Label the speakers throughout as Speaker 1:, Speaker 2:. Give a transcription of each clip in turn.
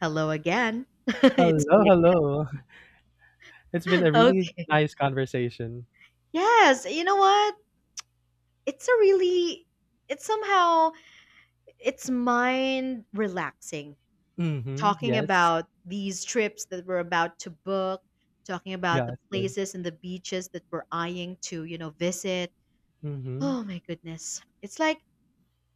Speaker 1: Hello again. it's
Speaker 2: Hello,
Speaker 1: me
Speaker 2: hello. It's been
Speaker 1: again.
Speaker 2: a really
Speaker 1: Okay.
Speaker 2: nice conversation.
Speaker 1: Yes, you know what? It's a really It's somehow it's mind relaxing
Speaker 2: Mm-hmm.
Speaker 1: talking
Speaker 2: Yes.
Speaker 1: about these trips that we're about to book, talking about the
Speaker 2: Yes. Yes.
Speaker 1: places and the beaches that we're eyeing to, visit.
Speaker 2: Mm-hmm.
Speaker 1: Oh my goodness.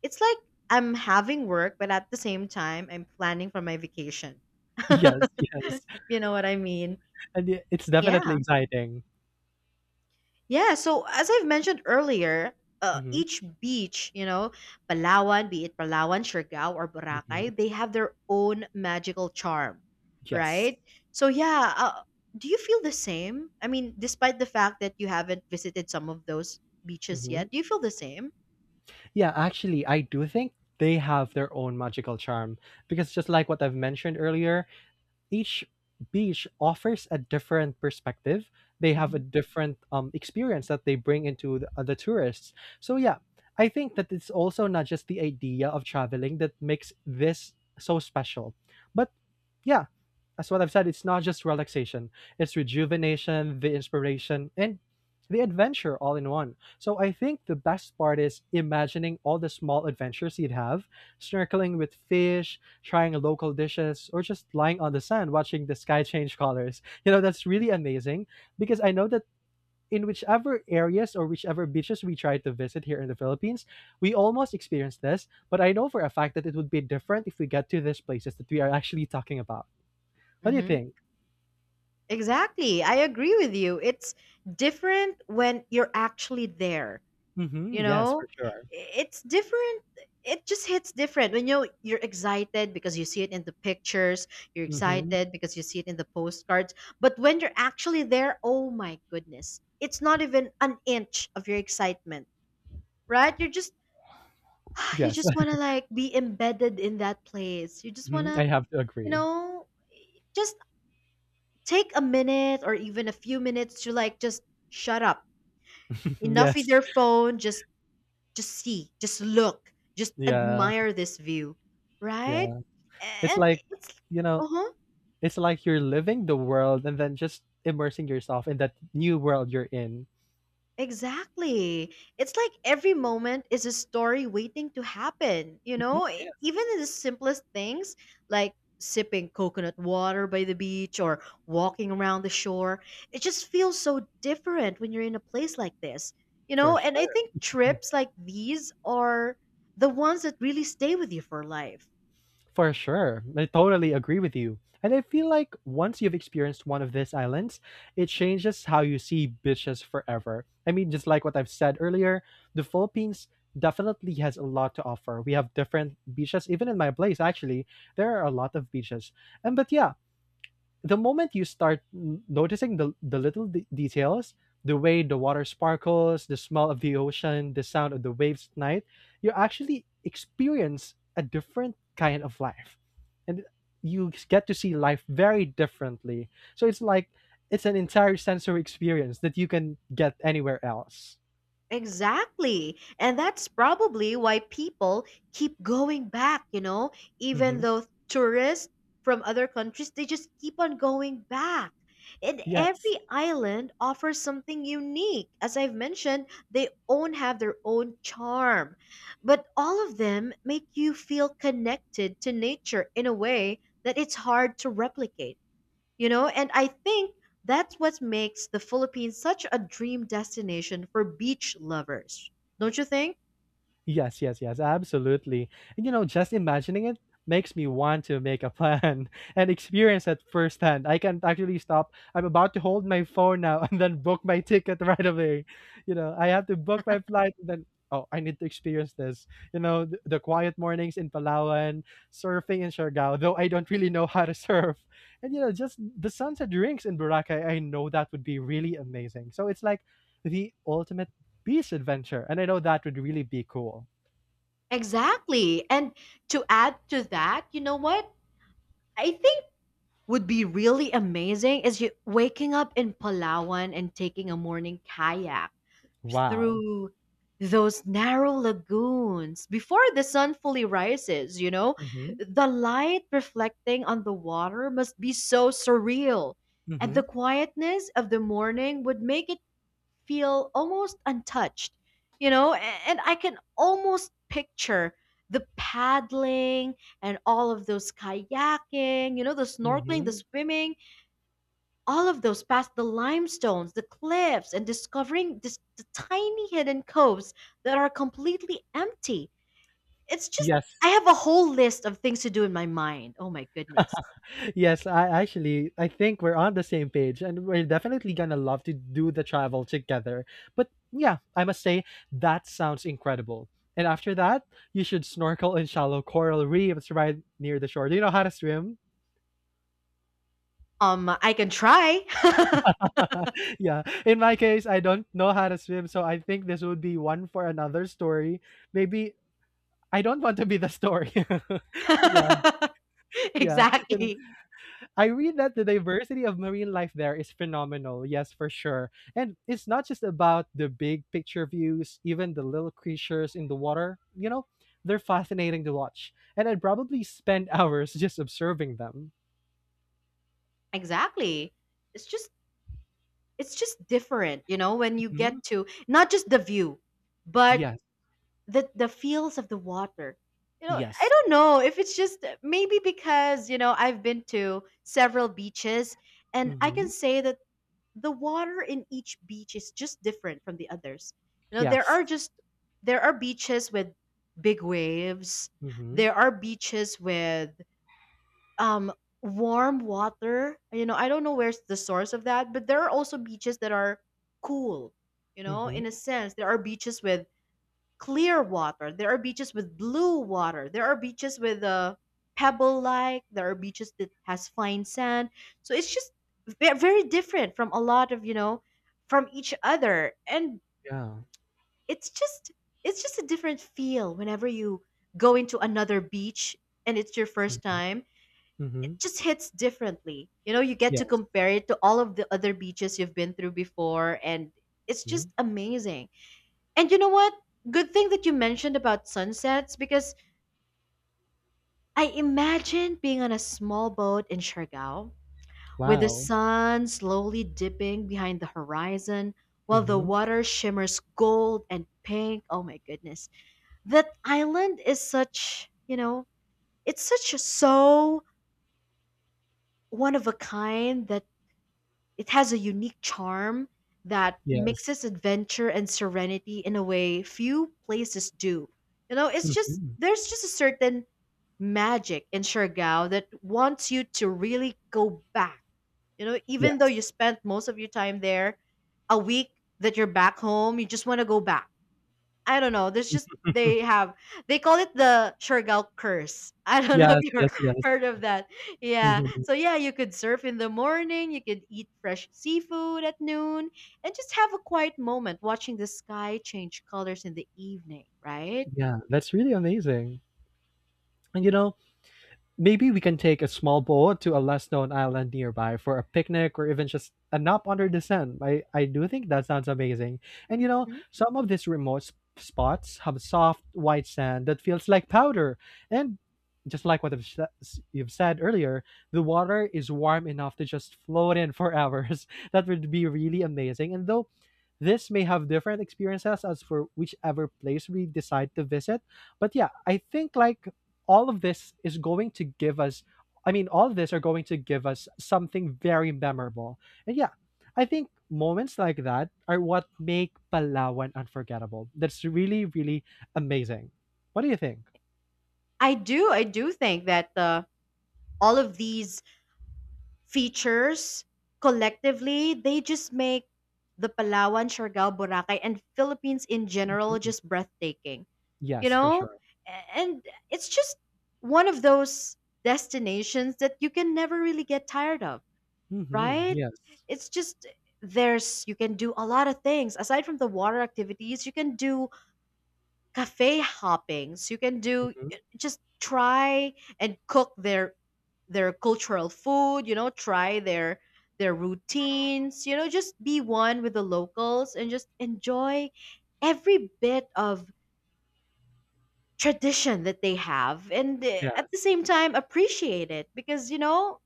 Speaker 1: It's like I'm having work, but at the same time I'm planning for my vacation.
Speaker 2: Yes. Yes.
Speaker 1: If you know what I mean.
Speaker 2: And it's
Speaker 1: Yeah.
Speaker 2: definitely exciting.
Speaker 1: Yeah, so as I've mentioned earlier,
Speaker 2: Mm-hmm.
Speaker 1: each beach, you know, be it Palawan, Siargao, or
Speaker 2: Mm-hmm.
Speaker 1: Boracay, they have their own magical charm,
Speaker 2: Yes.
Speaker 1: right? So yeah, do you feel the same? I mean, despite the fact that you haven't visited some of those beaches
Speaker 2: Mm-hmm.
Speaker 1: yet, do you feel the same?
Speaker 2: Yeah, actually, I do think they have their own magical charm because just like what I've mentioned earlier, each beach offers a different perspective. They have a
Speaker 1: hmm
Speaker 2: different experience that they bring into the tourists. So yeah, I think that it's also not just the idea of traveling that makes this so special, but yeah, as what I've said, it's not just relaxation, it's rejuvenation, the inspiration, and the adventure all in one. So I think the best part is imagining all the small adventures you'd have, snorkeling with fish, trying local dishes, or just lying on the sand watching the sky change colors. You know, that's really amazing because I know that in whichever areas or whichever beaches we try to visit here in the Philippines, we almost experience this, but I know for a fact that it would be different if we get to these places that we are actually talking about. What do you
Speaker 1: hmm
Speaker 2: think?
Speaker 1: Exactly, I agree with you. It's different when you're actually there. You
Speaker 2: Mhm, yes,
Speaker 1: know,
Speaker 2: for sure.
Speaker 1: it's different. It just hits different when you're excited because you see it in the pictures. You're
Speaker 2: Mhm.
Speaker 1: excited because you see it in the postcards, but when you're actually there, oh my goodness, it's not even an inch of your excitement, right? You're just you
Speaker 2: Yes.
Speaker 1: just want to like be embedded in that place. You just want
Speaker 2: Mhm,
Speaker 1: to,
Speaker 2: I have to
Speaker 1: you
Speaker 2: agree.
Speaker 1: know, just take a minute or even a few minutes to like just shut up,
Speaker 2: Mhm,
Speaker 1: enough with
Speaker 2: yes.
Speaker 1: your phone. Just see, just look, just
Speaker 2: Yeah,
Speaker 1: admire this view, right?
Speaker 2: yeah. It's
Speaker 1: And
Speaker 2: like,
Speaker 1: it's
Speaker 2: you know,
Speaker 1: uh-huh,
Speaker 2: it's like you're living the world and then just immersing yourself in that new world you're in.
Speaker 1: exactly. It's like every moment is a story waiting to happen, you
Speaker 2: Mhm,
Speaker 1: know?
Speaker 2: yes.
Speaker 1: Even in the simplest things like sipping coconut water by the beach or walking around the shore, it just feels so different when you're in a place like this. You
Speaker 2: For
Speaker 1: know, and I
Speaker 2: sure.
Speaker 1: think trips like these are the ones that really stay with you for life.
Speaker 2: For sure. I totally agree with you. And I feel like once you've experienced one of these islands, it changes how you see beaches forever. I mean, just like what I've said earlier, the Philippines definitely has a lot to offer. We have different beaches, even in my place, actually, there are a lot of beaches. And but yeah, the moment you start noticing the little details, the way the water sparkles, the smell of the ocean, the sound of the waves at night, you actually experience a different kind of life. And you get to see life very differently. So it's an entire sensory experience that you can get anywhere else.
Speaker 1: Exactly. And that's probably why people keep going back, you know, even
Speaker 2: Hmm.
Speaker 1: though tourists from other countries, they just keep on going back. And
Speaker 2: Yes.
Speaker 1: every island offers something unique. As I've mentioned, they own have their own charm. But all of them make you feel connected to nature in a way that it's hard to replicate. You know, and I think that's what makes the Philippines such a dream destination for beach lovers. Don't you think?
Speaker 2: Yes, yes, yes, absolutely. And you know, just imagining it makes me want to make a plan and experience it firsthand. I can't actually stop. I'm about to hold my phone now and then book my ticket right away. You know, I have to book my flight and then oh, I need to experience this. You know, the quiet mornings in Palawan, surfing in Siargao, though I don't really know how to surf. And you know, just the sunset drinks in Boracay, I know that would be really amazing. So it's like the ultimate beast adventure, and I know that would really be cool.
Speaker 1: Exactly. And to add to that, you know what I think would be really amazing is you waking up in Palawan and taking a morning kayak
Speaker 2: Wow.
Speaker 1: through those narrow lagoons before the sun fully rises, you know?
Speaker 2: Mm-hmm.
Speaker 1: The light reflecting on the water must be so surreal, and the
Speaker 2: Mm-hmm.
Speaker 1: quietness of the morning would make it feel almost untouched, you know? And I can almost picture the paddling and all of those kayaking, you know, the snorkeling, the
Speaker 2: Mm-hmm.
Speaker 1: swimming, all of those past the limestones, the cliffs, and discovering this, the tiny hidden coves that are completely empty. It's just,
Speaker 2: Yes.
Speaker 1: I have a whole list of things to do in my mind. Oh my goodness.
Speaker 2: Yes, I actually I think we're on the same page and we're definitely gonna love to do the travel together. But yeah, I must say that sounds incredible. And after that, you should snorkel in shallow coral reefs right near the shore. Do you know how to swim?
Speaker 1: I can try.
Speaker 2: yeah. In my case, I don't know how to swim, so I think this would be one for another story. Maybe I don't want to be the story. Yeah. Yeah,
Speaker 1: Exactly.
Speaker 2: I read that the diversity of marine life there is phenomenal. Yes, for sure. And it's not just about the big picture views, even the little creatures in the water, they're fascinating to watch. And I'd probably spend hours just observing them.
Speaker 1: Exactly. It's just, it's just different, you know, when you
Speaker 2: Mhm.
Speaker 1: get to not just the view, but
Speaker 2: Yes,
Speaker 1: the feels of the water. You know, I
Speaker 2: yes.
Speaker 1: don't know if it's just maybe because, you know, I've been to several beaches and I can
Speaker 2: Hmm.
Speaker 1: say that the water in each beach is just different from the others. You know, there
Speaker 2: Yes.
Speaker 1: are just there are beaches with big waves.
Speaker 2: hmm
Speaker 1: There are beaches with um warm water. You know, I don't know where's the source of that, but there are also beaches that are cool. You know,
Speaker 2: hmm.
Speaker 1: in a sense, there are beaches with clear water. There are beaches with blue water. There are beaches with pebble like. There are beaches that has fine sand. So it's just very different from a lot of, you know, from each other, and
Speaker 2: Yeah.
Speaker 1: it's just it's just a different feel whenever you go into another beach and it's your first
Speaker 2: hmm
Speaker 1: time. It
Speaker 2: hmm.
Speaker 1: just hits differently, you know, you get to
Speaker 2: Yes.
Speaker 1: compare it to all of the other beaches you've been through before, and it's
Speaker 2: Hmm.
Speaker 1: just amazing. And you know what? Good thing that you mentioned about sunsets because I imagine being on a small boat in Siargao with the
Speaker 2: Wow.
Speaker 1: sun slowly dipping behind the horizon while the
Speaker 2: Hmm.
Speaker 1: water shimmers gold and pink. Oh my goodness. That island is such, you know, it's such a so one of a kind that it has a unique charm that
Speaker 2: Yes.
Speaker 1: mixes adventure and serenity in a way few places do. You know, it's just
Speaker 2: Hmm.
Speaker 1: there's just a certain magic in Siargao that wants you to really go back. You know, even though you
Speaker 2: Yes.
Speaker 1: spent most of your time there, a week, that you're back home, you just want to go back. I don't know. There's just they have they call it the Siargao curse. I don't know if
Speaker 2: Yes,
Speaker 1: you've
Speaker 2: yes, yes.
Speaker 1: heard of that. Yeah.
Speaker 2: Mhm.
Speaker 1: So yeah, you could surf in the morning, you could eat fresh seafood at noon, and just have a quiet moment watching the sky change colors in the evening, right?
Speaker 2: Yeah, that's really amazing. And you know, maybe we can take a small boat to a less known island nearby for a picnic or even just a nap under the sun. I do think that sounds amazing. And you know,
Speaker 1: Mhm.
Speaker 2: some of these remote spots have soft, white sand that feels like powder. And just like what I've you've said earlier, the water is warm enough to just float in for hours. That would be really amazing. And though this may have different experiences as for whichever place we decide to visit, but yeah, I think like all of this is going to give us I mean, all of this are going to give us something very memorable. And yeah, I think moments like that are what make Palawan unforgettable. That's really, really amazing. What do you think?
Speaker 1: I do. I do think that all of these features collectively, they just make the Palawan, Siargao, Boracay, and Philippines in general
Speaker 2: Hmm.
Speaker 1: just breathtaking. You
Speaker 2: Yes, for
Speaker 1: know?
Speaker 2: sure.
Speaker 1: And it's just one of those destinations that you can never really get tired of,
Speaker 2: Hmm.
Speaker 1: right?
Speaker 2: Yes.
Speaker 1: It's just there's you can do a lot of things aside from the water activities. You can do cafe hoppings, you can do
Speaker 2: Hmm.
Speaker 1: just try and cook their cultural food, you know, try their routines, you know, just be one with the locals and just enjoy every bit of tradition that they have, and at the
Speaker 2: Yes.
Speaker 1: same time appreciate it because, you know,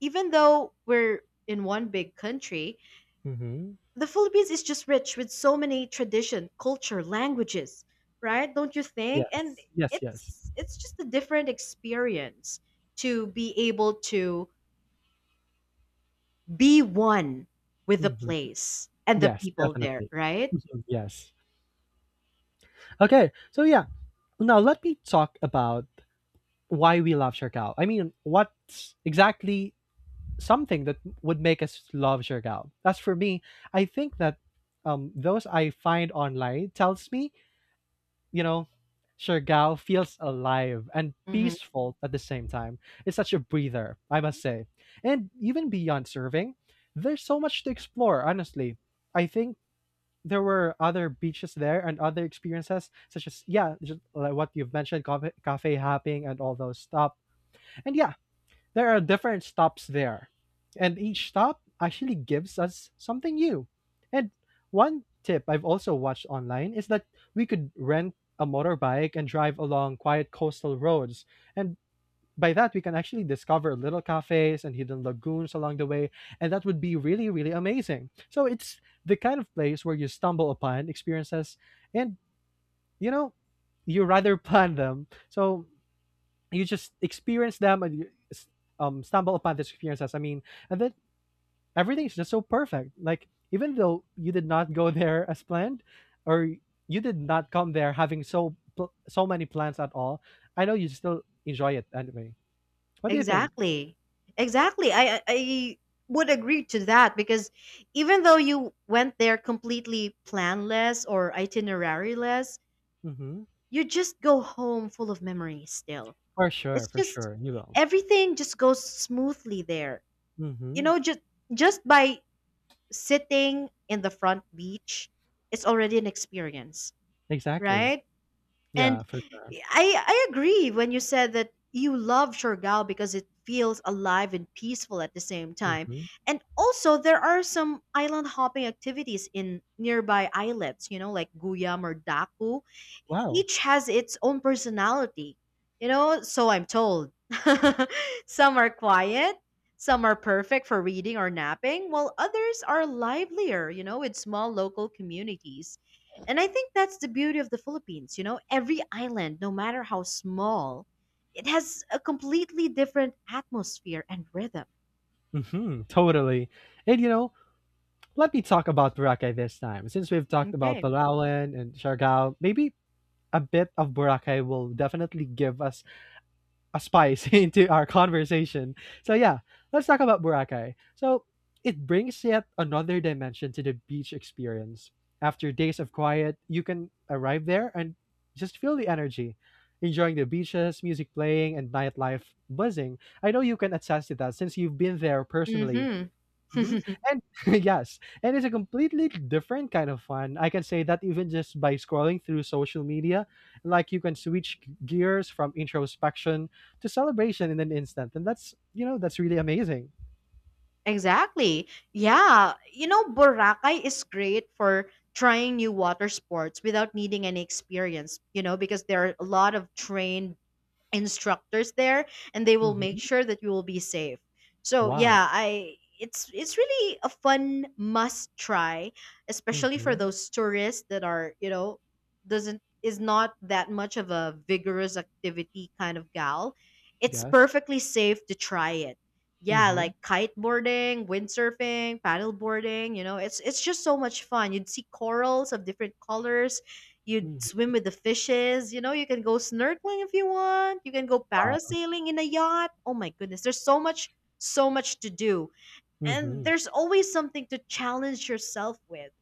Speaker 1: even though we're in one big country,
Speaker 2: Hmm.
Speaker 1: the Philippines is just rich with so many tradition culture languages, right? Don't you think? And
Speaker 2: Yes. Yes. Yes.
Speaker 1: it's just a different experience to be able to be one with the
Speaker 2: Hmm.
Speaker 1: place and the
Speaker 2: Yes,
Speaker 1: people there,
Speaker 2: definitely.
Speaker 1: right?
Speaker 2: Mhm. Yes. Okay. So yeah, now let me talk about why we love Siargao. I mean, what exactly something that would make us love Siargao. As for me, I think that those I find online tells me, you know, Siargao feels alive and
Speaker 1: Mm-hmm.
Speaker 2: peaceful at the same time. It's such a breather, I must say. And even beyond serving, there's so much to explore, honestly. I think there were other beaches there and other experiences such as yeah just like what you've mentioned cafe hopping and all those stuff and yeah there are different stops there, and each stop actually gives us something new. And one tip I've also watched online is that we could rent a motorbike and drive along quiet coastal roads. And by that, we can actually discover little cafes and hidden lagoons along the way. And that would be really, really amazing. So it's the kind of place where you stumble upon experiences and, you know, you rather plan them. So you just experience them and you stumble upon these experiences. I mean, and then everything is just so perfect. Like even though you did not go there as planned, or you did not come there having so so many plans at all, I know you still enjoy it anyway. What do you think?
Speaker 1: Exactly. Exactly. I would agree to that because even though you went there completely planless or itineraryless,
Speaker 2: Mm-hmm.
Speaker 1: you just go home full of memories still. It's
Speaker 2: For
Speaker 1: just
Speaker 2: sure, you will.
Speaker 1: everything just goes smoothly there. You
Speaker 2: Mm-hmm.
Speaker 1: know, just by sitting in the front beach, it's already an experience,
Speaker 2: Exactly.
Speaker 1: right?
Speaker 2: Yeah,
Speaker 1: And
Speaker 2: for sure.
Speaker 1: I agree when you said that you love Siargao because it feels alive and peaceful at the same time.
Speaker 2: Mm-hmm.
Speaker 1: And also there are some island hopping activities in nearby islets, you know, like Guyam or Daku.
Speaker 2: Wow.
Speaker 1: Each has its own personality, you know, so I'm told. Some are quiet, some are perfect for reading or napping, while others are livelier, you know, with small local communities. And I think that's the beauty of the Philippines. You know, every island, no matter how small, it has a completely different atmosphere and rhythm.
Speaker 2: Mm-hmm. Totally. And you know, let me talk about Boracay this time. Since we've talked about
Speaker 1: Okay.
Speaker 2: Palawan and Siargao, maybe a bit of Boracay will definitely give us a spice into our conversation. So yeah, let's talk about Boracay. So it brings yet another dimension to the beach experience. After days of quiet, you can arrive there and just feel the energy, enjoying the beaches, music playing, and nightlife buzzing. I know you can attest to that since you've been there personally.
Speaker 1: Mm-hmm.
Speaker 2: Mhm, and yes, and it's a completely different kind of fun. I can say that even just by scrolling through social media, like you can switch gears from introspection to celebration in an instant, and that's you know that's really amazing.
Speaker 1: Exactly. Yeah. You know, Boracay is great for trying new water sports without needing any experience, you know, because there are a lot of trained instructors there and they will make
Speaker 2: Hmm.
Speaker 1: sure that you will be safe. So
Speaker 2: Wow.
Speaker 1: yeah, I it's really a fun must try, especially for
Speaker 2: Hmm.
Speaker 1: those tourists that are, you know, doesn't is not that much of a vigorous activity kind of gal. It's
Speaker 2: Yes.
Speaker 1: perfectly safe to try it. Yeah,
Speaker 2: hmm
Speaker 1: like kiteboarding, windsurfing, paddleboarding, you know, it's just so much fun. You'd see corals of different colors. You'd
Speaker 2: hmm.
Speaker 1: swim with the fishes. You know, you can go snorkeling if you want. You can go
Speaker 2: Wow.
Speaker 1: parasailing in a yacht. Oh my goodness, there's so much, so much to do. And
Speaker 2: Hmm.
Speaker 1: there's always something to challenge yourself with.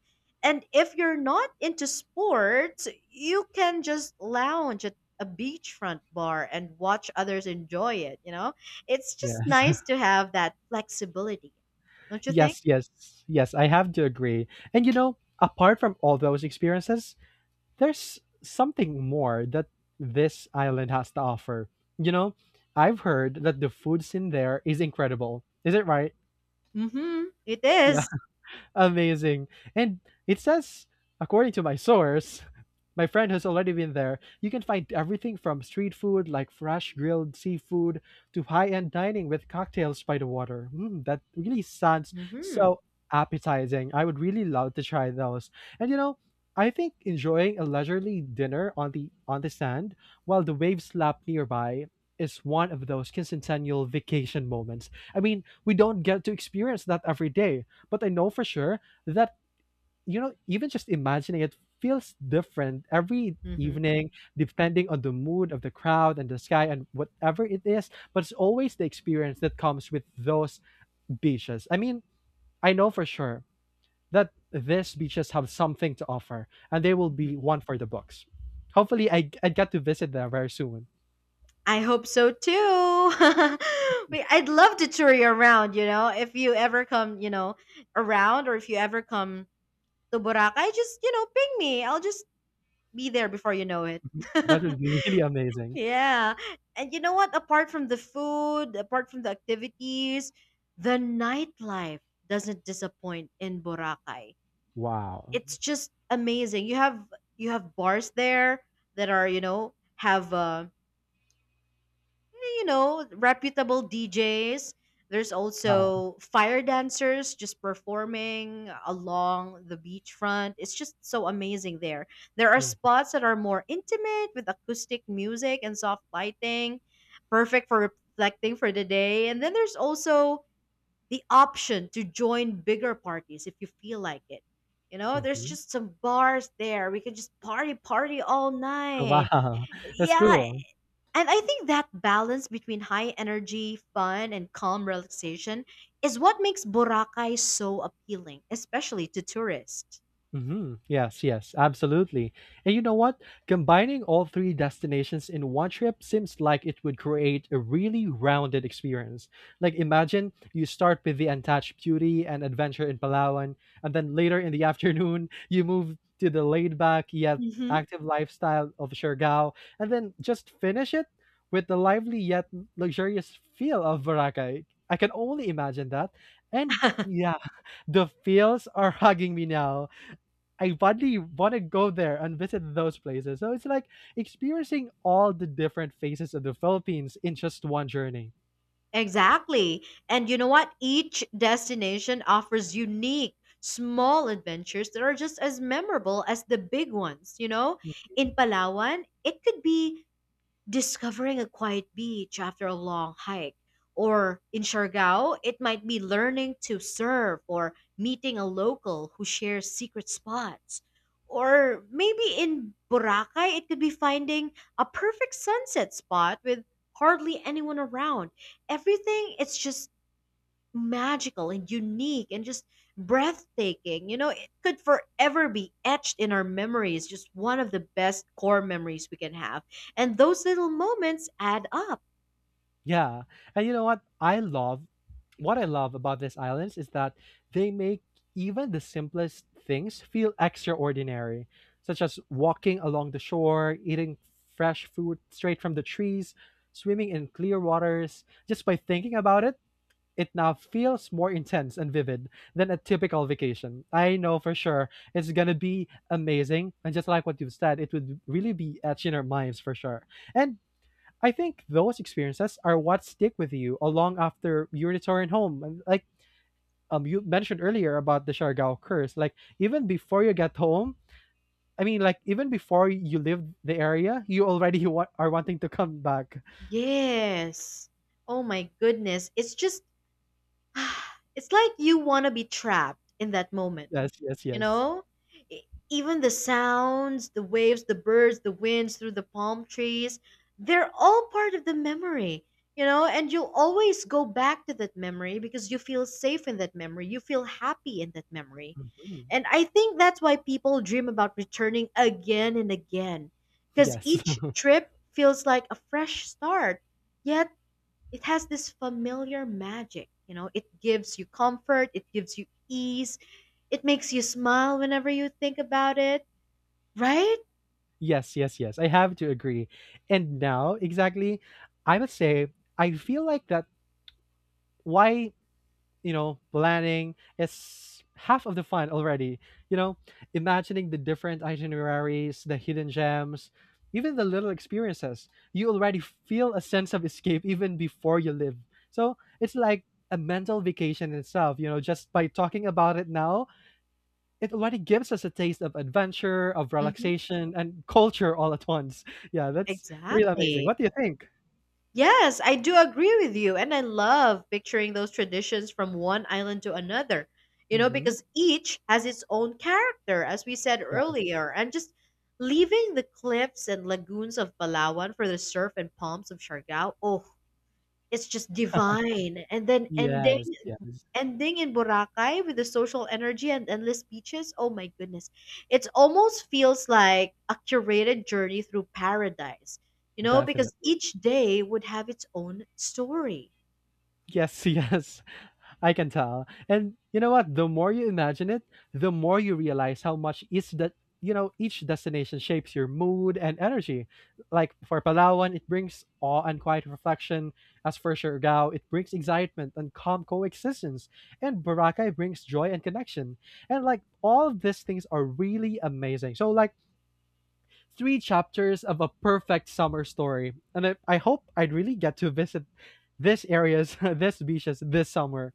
Speaker 1: And if you're not into sports, you can just lounge at a beachfront bar and watch others enjoy it. You know, it's just
Speaker 2: Yes.
Speaker 1: nice to have that flexibility. Don't you think?
Speaker 2: yes. Yes. Yes. I have to agree. And you know, apart from all those experiences, there's something more that this island has to offer. You know, I've heard that the foods in there is incredible. Is it right?
Speaker 1: Mm-hmm. It is.
Speaker 2: Amazing. And it says, according to my source, my friend has already been there, you can find everything from street food like fresh grilled seafood to high-end dining with cocktails by the water. That really sounds
Speaker 1: Mm-hmm.
Speaker 2: so appetizing. I would really love to try those. And you know, I think enjoying a leisurely dinner on the sand while the waves slap nearby is one of those quincentennial vacation moments. I mean, we don't get to experience that every day, but I know for sure that, even just imagining it feels different every
Speaker 1: Mm-hmm. Mm-hmm.
Speaker 2: evening, depending on the mood of the crowd and the sky and whatever it is. But it's always the experience that comes with those beaches. I mean, I know for sure that these beaches have something to offer, and they will be one for the books. Hopefully, I get to visit there very soon.
Speaker 1: I hope so too. We, I'd love to tour you around, you know. If you ever come, you know, around, or if you ever come to Boracay, just, you know, ping me. I'll just be there before you know it.
Speaker 2: Mhm. That would be really amazing.
Speaker 1: Yeah. And you know what? Apart from the food, apart from the activities, the nightlife doesn't disappoint in Boracay.
Speaker 2: Wow.
Speaker 1: It's just amazing. You have bars there that are, you know, have you know, reputable DJs. There's
Speaker 2: Wow.
Speaker 1: also fire dancers just performing along the beachfront. It's just so amazing there. There are
Speaker 2: Mhm.
Speaker 1: spots that are more intimate with acoustic music and soft lighting, perfect for reflecting for the day. And then there's also the option to join bigger parties if you feel like it. You know, there's
Speaker 2: Mhm.
Speaker 1: just some bars there. We can just party, party all night.
Speaker 2: Wow. That's
Speaker 1: Yeah,
Speaker 2: cool.
Speaker 1: and I think that balance between high energy, fun, and calm relaxation is what makes Boracay so appealing, especially to tourists.
Speaker 2: Mm-hmm. Yes, yes, absolutely. And you know what? Combining all three destinations in one trip seems like it would create a really rounded experience. Like, imagine you start with the untouched beauty and adventure in Palawan, and then later in the afternoon, you move to the laid back yet
Speaker 1: Hmm.
Speaker 2: active lifestyle of Siargao, and then just finish it with the lively yet luxurious feel of Boracay. I can only imagine that. And yeah, the feels are hugging me now. I badly want to go there and visit those places. So it's like experiencing all the different faces of the Philippines in just one journey.
Speaker 1: Exactly. And you know what? Each destination offers unique, small adventures that are just as memorable as the big ones. You know, in Palawan, it could be discovering a quiet beach after a long hike. Or in Siargao, it might be learning to surf or meeting a local who shares secret spots. Or maybe in Boracay, it could be finding a perfect sunset spot with hardly anyone around. Everything, it's just magical and unique and just breathtaking. It could forever be etched in our memories, just one of the best core memories we can have. And those little moments add up.
Speaker 2: Yeah. And you know what? I love what I love about these islands is that they make even the simplest things feel extraordinary, such as walking along the shore, eating fresh food straight from the trees, swimming in clear waters. Just by thinking about it, it now feels more intense and vivid than a typical vacation. I know for sure it's gonna be amazing, and just like what you've said, it would really be etched in our minds for sure. And I think those experiences are what stick with you along after you return home. And you mentioned earlier about the Siargao curse, like even before you get home, I mean, like even before you leave the area, you already are wanting to come back.
Speaker 1: Yes. Oh my goodness. It's just, it's like you want to be trapped in that moment,
Speaker 2: Yes, yes,
Speaker 1: you
Speaker 2: yes.
Speaker 1: know. E- Even the sounds, the waves, the birds, the winds through the palm trees, they're all part of the memory, you know, and you'll always go back to that memory because you feel safe in that memory, you feel happy in that memory,
Speaker 2: Mhm.
Speaker 1: and I think that's why people dream about returning again and again because
Speaker 2: Yes.
Speaker 1: each trip feels like a fresh start, yet it has this familiar magic, you know, it gives you comfort, it gives you ease, it makes you smile whenever you think about it, right?
Speaker 2: Yes, yes, yes. I have to agree. And now, exactly, I must say, I feel like that why, you know, planning is half of the fun already. You know, imagining the different itineraries, the hidden gems, even the little experiences. You already feel a sense of escape even before you live. So it's like a mental vacation itself, just by talking about it now, it already gives us a taste of adventure, of
Speaker 1: Mhm.
Speaker 2: relaxation, and culture all at once. Yeah, that's really amazing.
Speaker 1: Exactly.
Speaker 2: What do you think?
Speaker 1: Yes, I do agree with you. And I love picturing those traditions from one island to another, you know,
Speaker 2: Hmm,
Speaker 1: because each has its own character, as we said
Speaker 2: yes,
Speaker 1: earlier. And just leaving the cliffs and lagoons of Palawan for the surf and palms of Siargao, oh, it's just divine, and then ending
Speaker 2: yes, yes,
Speaker 1: ending in Boracay with the social energy and endless beaches, oh my goodness. It almost feels like a curated journey through paradise, you know, because
Speaker 2: definitely.
Speaker 1: each day would have its own story.
Speaker 2: Yes, yes. I can tell. And you know what? The more you imagine it, the more you realize how much each that each destination shapes your mood and energy. Like for Palawan, it brings awe and quiet reflection. As for Siargao, it brings excitement and calm coexistence. And Boracay brings joy and connection. And like all of these things are really amazing. So like three chapters of a perfect summer story. And I hope I'd really get to visit these areas, these beaches this summer.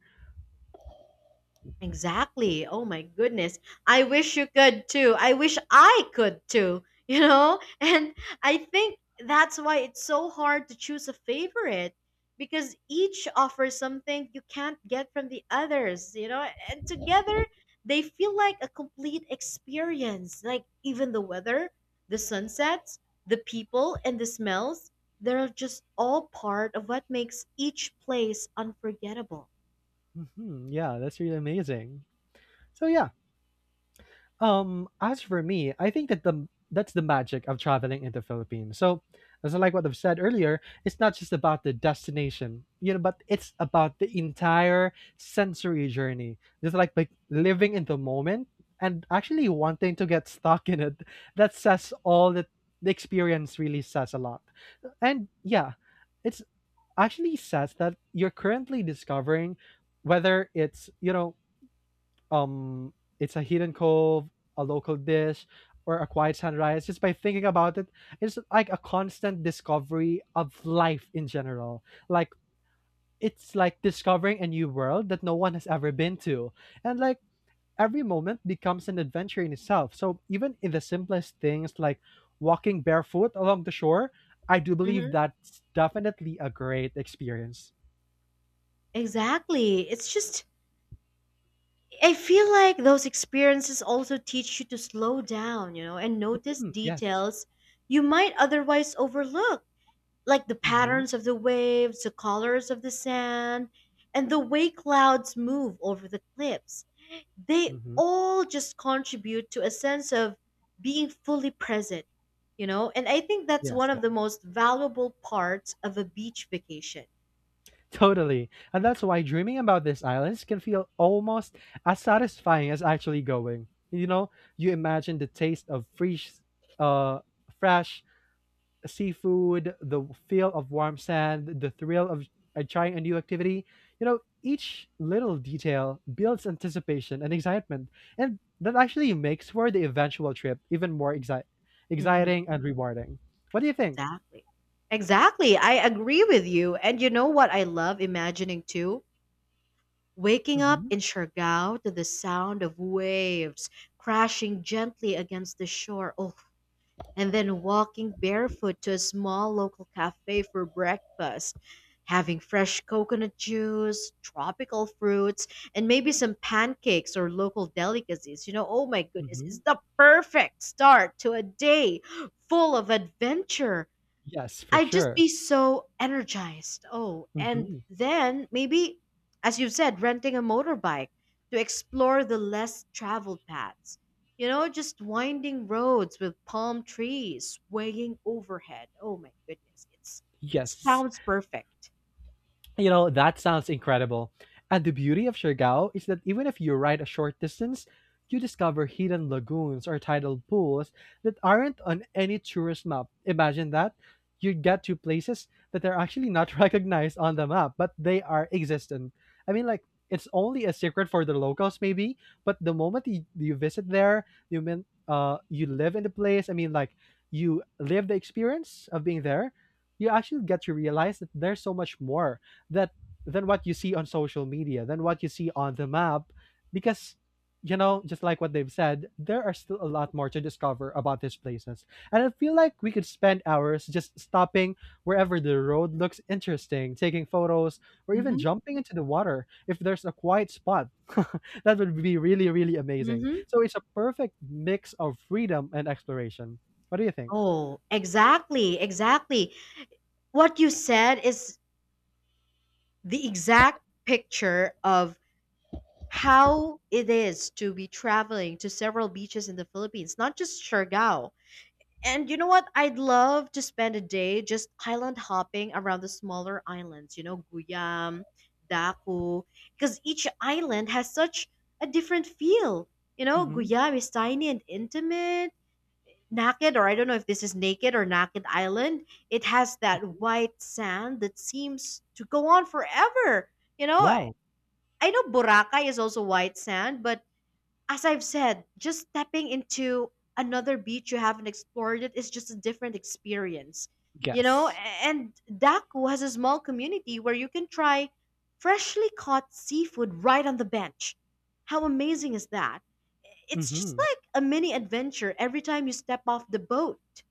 Speaker 1: Exactly. Oh my goodness. I wish you could too. I wish I could too, you know? And I think that's why it's so hard to choose a favorite because each offers something you can't get from the others, you know? And together, they feel like a complete experience. Like even the weather, the sunsets, the people, and the smells, they're just all part of what makes each place unforgettable.
Speaker 2: Mhm, yeah, that's really amazing. So yeah, as for me, I think that's the magic of traveling in the Philippines. So, as I like what I've said earlier, it's not just about the destination, you know, but it's about the entire sensory journey. Just like living in the moment and actually wanting to get stuck in it. That says all that The experience really says a lot. And yeah, it's actually says that you're currently discovering whether it's you know um it's a hidden cove, a local dish, or a quiet sunrise. Just by thinking about it, it's like a constant discovery of life in general. Like it's like discovering a new world that no one has ever been to. And like every moment becomes an adventure in itself. So even in the simplest things like walking barefoot along the shore, I do believe that's definitely a great experience.
Speaker 1: Exactly. It's just, I feel like those experiences also teach you to slow down, you know, and notice
Speaker 2: Mm, yes.
Speaker 1: details you might otherwise overlook, like the
Speaker 2: Mm-hmm.
Speaker 1: patterns of the waves, the colors of the sand, and the way clouds move over the cliffs. They
Speaker 2: Mm-hmm.
Speaker 1: all just contribute to a sense of being fully present, you know, and I think that's one
Speaker 2: Yes.
Speaker 1: of
Speaker 2: Yes.
Speaker 1: the most valuable parts of a beach vacation.
Speaker 2: Totally. And that's why dreaming about these islands can feel almost as satisfying as actually going. You know, you imagine the taste of uh fresh seafood, the feel of warm sand, the thrill of trying a new activity. You know, each little detail builds anticipation and excitement, and that actually makes for the eventual trip even more exciting and rewarding. What do you think?
Speaker 1: Exactly. Exactly. I agree with you. And you know what I love imagining too? Waking up
Speaker 2: Mhm.
Speaker 1: in Siargao to the sound of waves crashing gently against the shore. Oh, and then walking barefoot to a small local cafe for breakfast, having fresh coconut juice, tropical fruits, and maybe some pancakes or local delicacies. You know, oh my goodness,
Speaker 2: Mhm.
Speaker 1: it's the perfect start to a day full of adventure.
Speaker 2: Yes, for
Speaker 1: I'd just
Speaker 2: sure.
Speaker 1: be so energized. Oh, and
Speaker 2: Mhm.
Speaker 1: then maybe, as you've said, renting a motorbike to explore the less traveled paths. You know, just winding roads with palm trees swaying overhead. Oh my goodness, it
Speaker 2: Yes.
Speaker 1: sounds perfect.
Speaker 2: You know, that sounds incredible. And the beauty of Siargao is that even if you ride a short distance, you discover hidden lagoons or tidal pools that aren't on any tourist map. Imagine that. You get to places that are actually not recognized on the map, but they are existent. I mean, like, it's only a secret for the locals, maybe, but the moment you visit there, you mean, you live in the place. I mean, like, you live the experience of being there. You actually get to realize that there's so much more that than what you see on social media, than what you see on the map, because you know, just like what they've said, there are still a lot more to discover about these places. And I feel like we could spend hours just stopping wherever the road looks interesting, taking photos, or even
Speaker 1: Hmm.
Speaker 2: jumping into the water if there's a quiet spot. That would be really, really amazing.
Speaker 1: Mm-hmm.
Speaker 2: So it's a perfect mix of freedom and exploration. What do you think?
Speaker 1: Oh, exactly, exactly. What you said is the exact picture of how it is to be traveling to several beaches in the Philippines, not just Siargao. And you know what? I'd love to spend a day just island hopping around the smaller islands, you know, Guyam, Daku, because each island has such a different feel. You know,
Speaker 2: Hmm.
Speaker 1: Guyam is tiny and intimate. Naked, or I don't know if this is naked or naked island, it has that white sand that seems to go on forever. You know,
Speaker 2: Wow.
Speaker 1: I know Boracay is also white sand, but as I've said, just stepping into another beach you haven't explored it is just a different experience. You know,
Speaker 2: Yes.
Speaker 1: and Daku has a small community where you can try freshly caught seafood right on the bench. How amazing is that? It's just
Speaker 2: Hmm.
Speaker 1: like a mini adventure every time you step off the boat.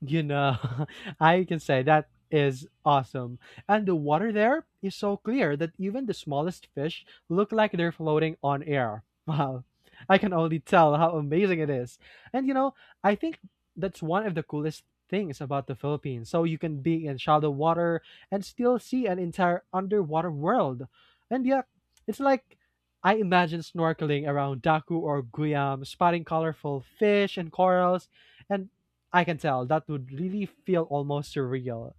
Speaker 2: You know, I can say that is awesome. And the water there is so clear that even the smallest fish look like they're floating on air. Wow. I can only tell how amazing it is. And you know, I think that's one of the coolest things about the Philippines. So you can be in shallow water and still see an entire underwater world. And yeah, it's like I imagine snorkeling around Daku or Guyam, spotting colorful fish and corals, and I can tell that would really feel almost surreal.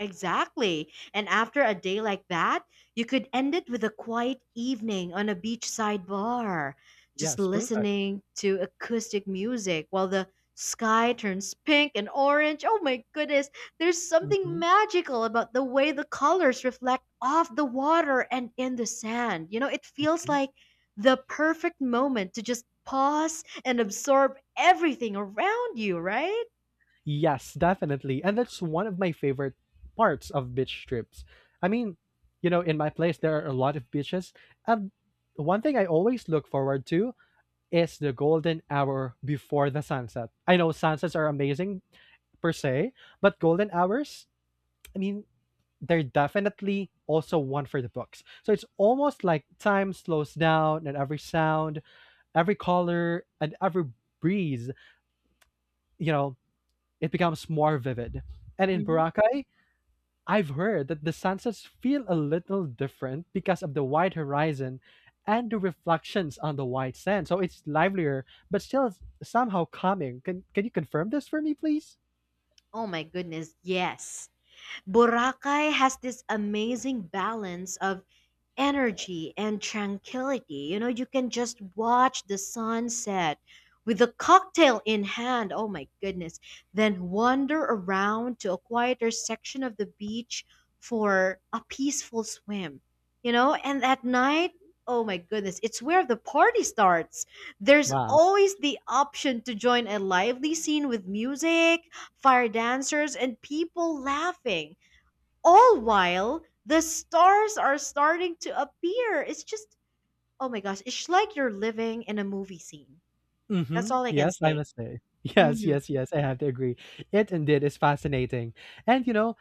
Speaker 1: Exactly. And after a day like that, you could end it with a quiet evening on a beachside bar, just
Speaker 2: Yes, perfect.
Speaker 1: listening to acoustic music while the sky turns pink and orange. Oh my goodness, there's something
Speaker 2: Hmm.
Speaker 1: magical about the way the colors reflect off the water and in the sand. You know, it feels
Speaker 2: Hmm.
Speaker 1: like the perfect moment to just pause and absorb everything around you, right?
Speaker 2: Yes, definitely. And that's one of my favorite parts of beach trips. I mean, you know, in my place, there are a lot of beaches. And one thing I always look forward to is the golden hour before the sunset. I know sunsets are amazing per se, but golden hours, I mean, they're definitely also one for the books. So it's almost like time slows down and every sound every color and every breeze, you know, it becomes more vivid. And in
Speaker 1: Hmm.
Speaker 2: Boracay, I've heard that the sunsets feel a little different because of the wide horizon and the reflections on the white sand. So it's livelier, but still somehow calming. Can you confirm this for me, please?
Speaker 1: Oh my goodness, yes. Boracay has this amazing balance of energy and tranquility. You know, you can just watch the sunset with a cocktail in hand. Oh my goodness. Then wander around to a quieter section of the beach for a peaceful swim. You know, and at night, oh my goodness, it's where the party starts. There's
Speaker 2: Wow.
Speaker 1: always the option to join a lively scene with music, fire dancers, and people laughing all while the stars are starting to appear. It's just, oh my gosh, it's like you're living in a movie scene. That's
Speaker 2: Mm-hmm.
Speaker 1: all I can
Speaker 2: Yes, I
Speaker 1: say.
Speaker 2: must say. Yes,
Speaker 1: Hmm.
Speaker 2: yes, yes, I have to agree. It indeed is fascinating. And you know,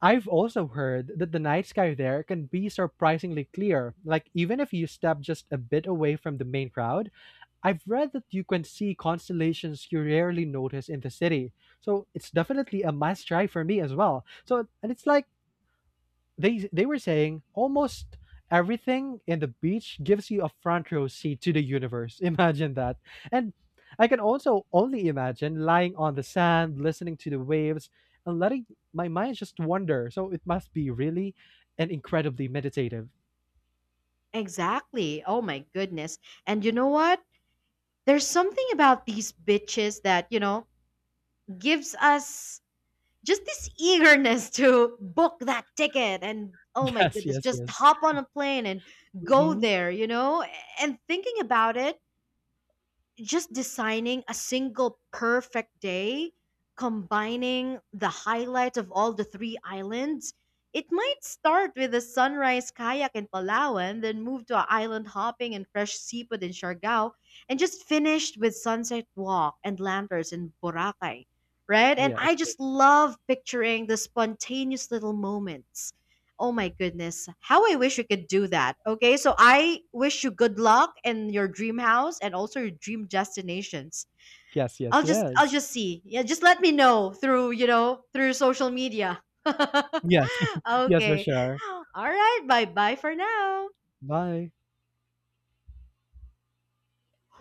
Speaker 2: I've also heard that the night sky there can be surprisingly clear. Like, even if you step just a bit away from the main crowd, I've read that you can see constellations you rarely notice in the city. So, it's definitely a must try for me as well. So, and it's like, they were saying almost everything in the beach gives you a front row seat to the universe. Imagine that. And I can also only imagine lying on the sand, listening to the waves, and letting my mind just wander. So it must be really and incredibly meditative.
Speaker 1: Exactly. Oh my goodness. And you know what? There's something about these bitches that, you know, gives us just this eagerness to book that ticket and oh my
Speaker 2: Yes,
Speaker 1: goodness,
Speaker 2: yes,
Speaker 1: just
Speaker 2: yes.
Speaker 1: hop on a plane and go
Speaker 2: Hmm.
Speaker 1: there, you know? And thinking about it, just designing a single perfect day, combining the highlights of all the three islands. It might start with a sunrise kayak in Palawan, then move to a island hopping and fresh seafood in Siargao, and just finished with sunset walk and lanterns in Boracay, right? And
Speaker 2: Yes,
Speaker 1: I
Speaker 2: yes,
Speaker 1: just love picturing the spontaneous little moments. Oh my goodness. How I wish you could do that. Okay. So I wish you good luck in your dream house and also your dream destinations.
Speaker 2: yes, yes,
Speaker 1: I'll just I'll
Speaker 2: yes.
Speaker 1: just see. Yeah, just let me know through, you know, through social media.
Speaker 2: Yes, yes, for
Speaker 1: Okay.
Speaker 2: sure.
Speaker 1: All right. Bye-bye for now.
Speaker 2: Bye.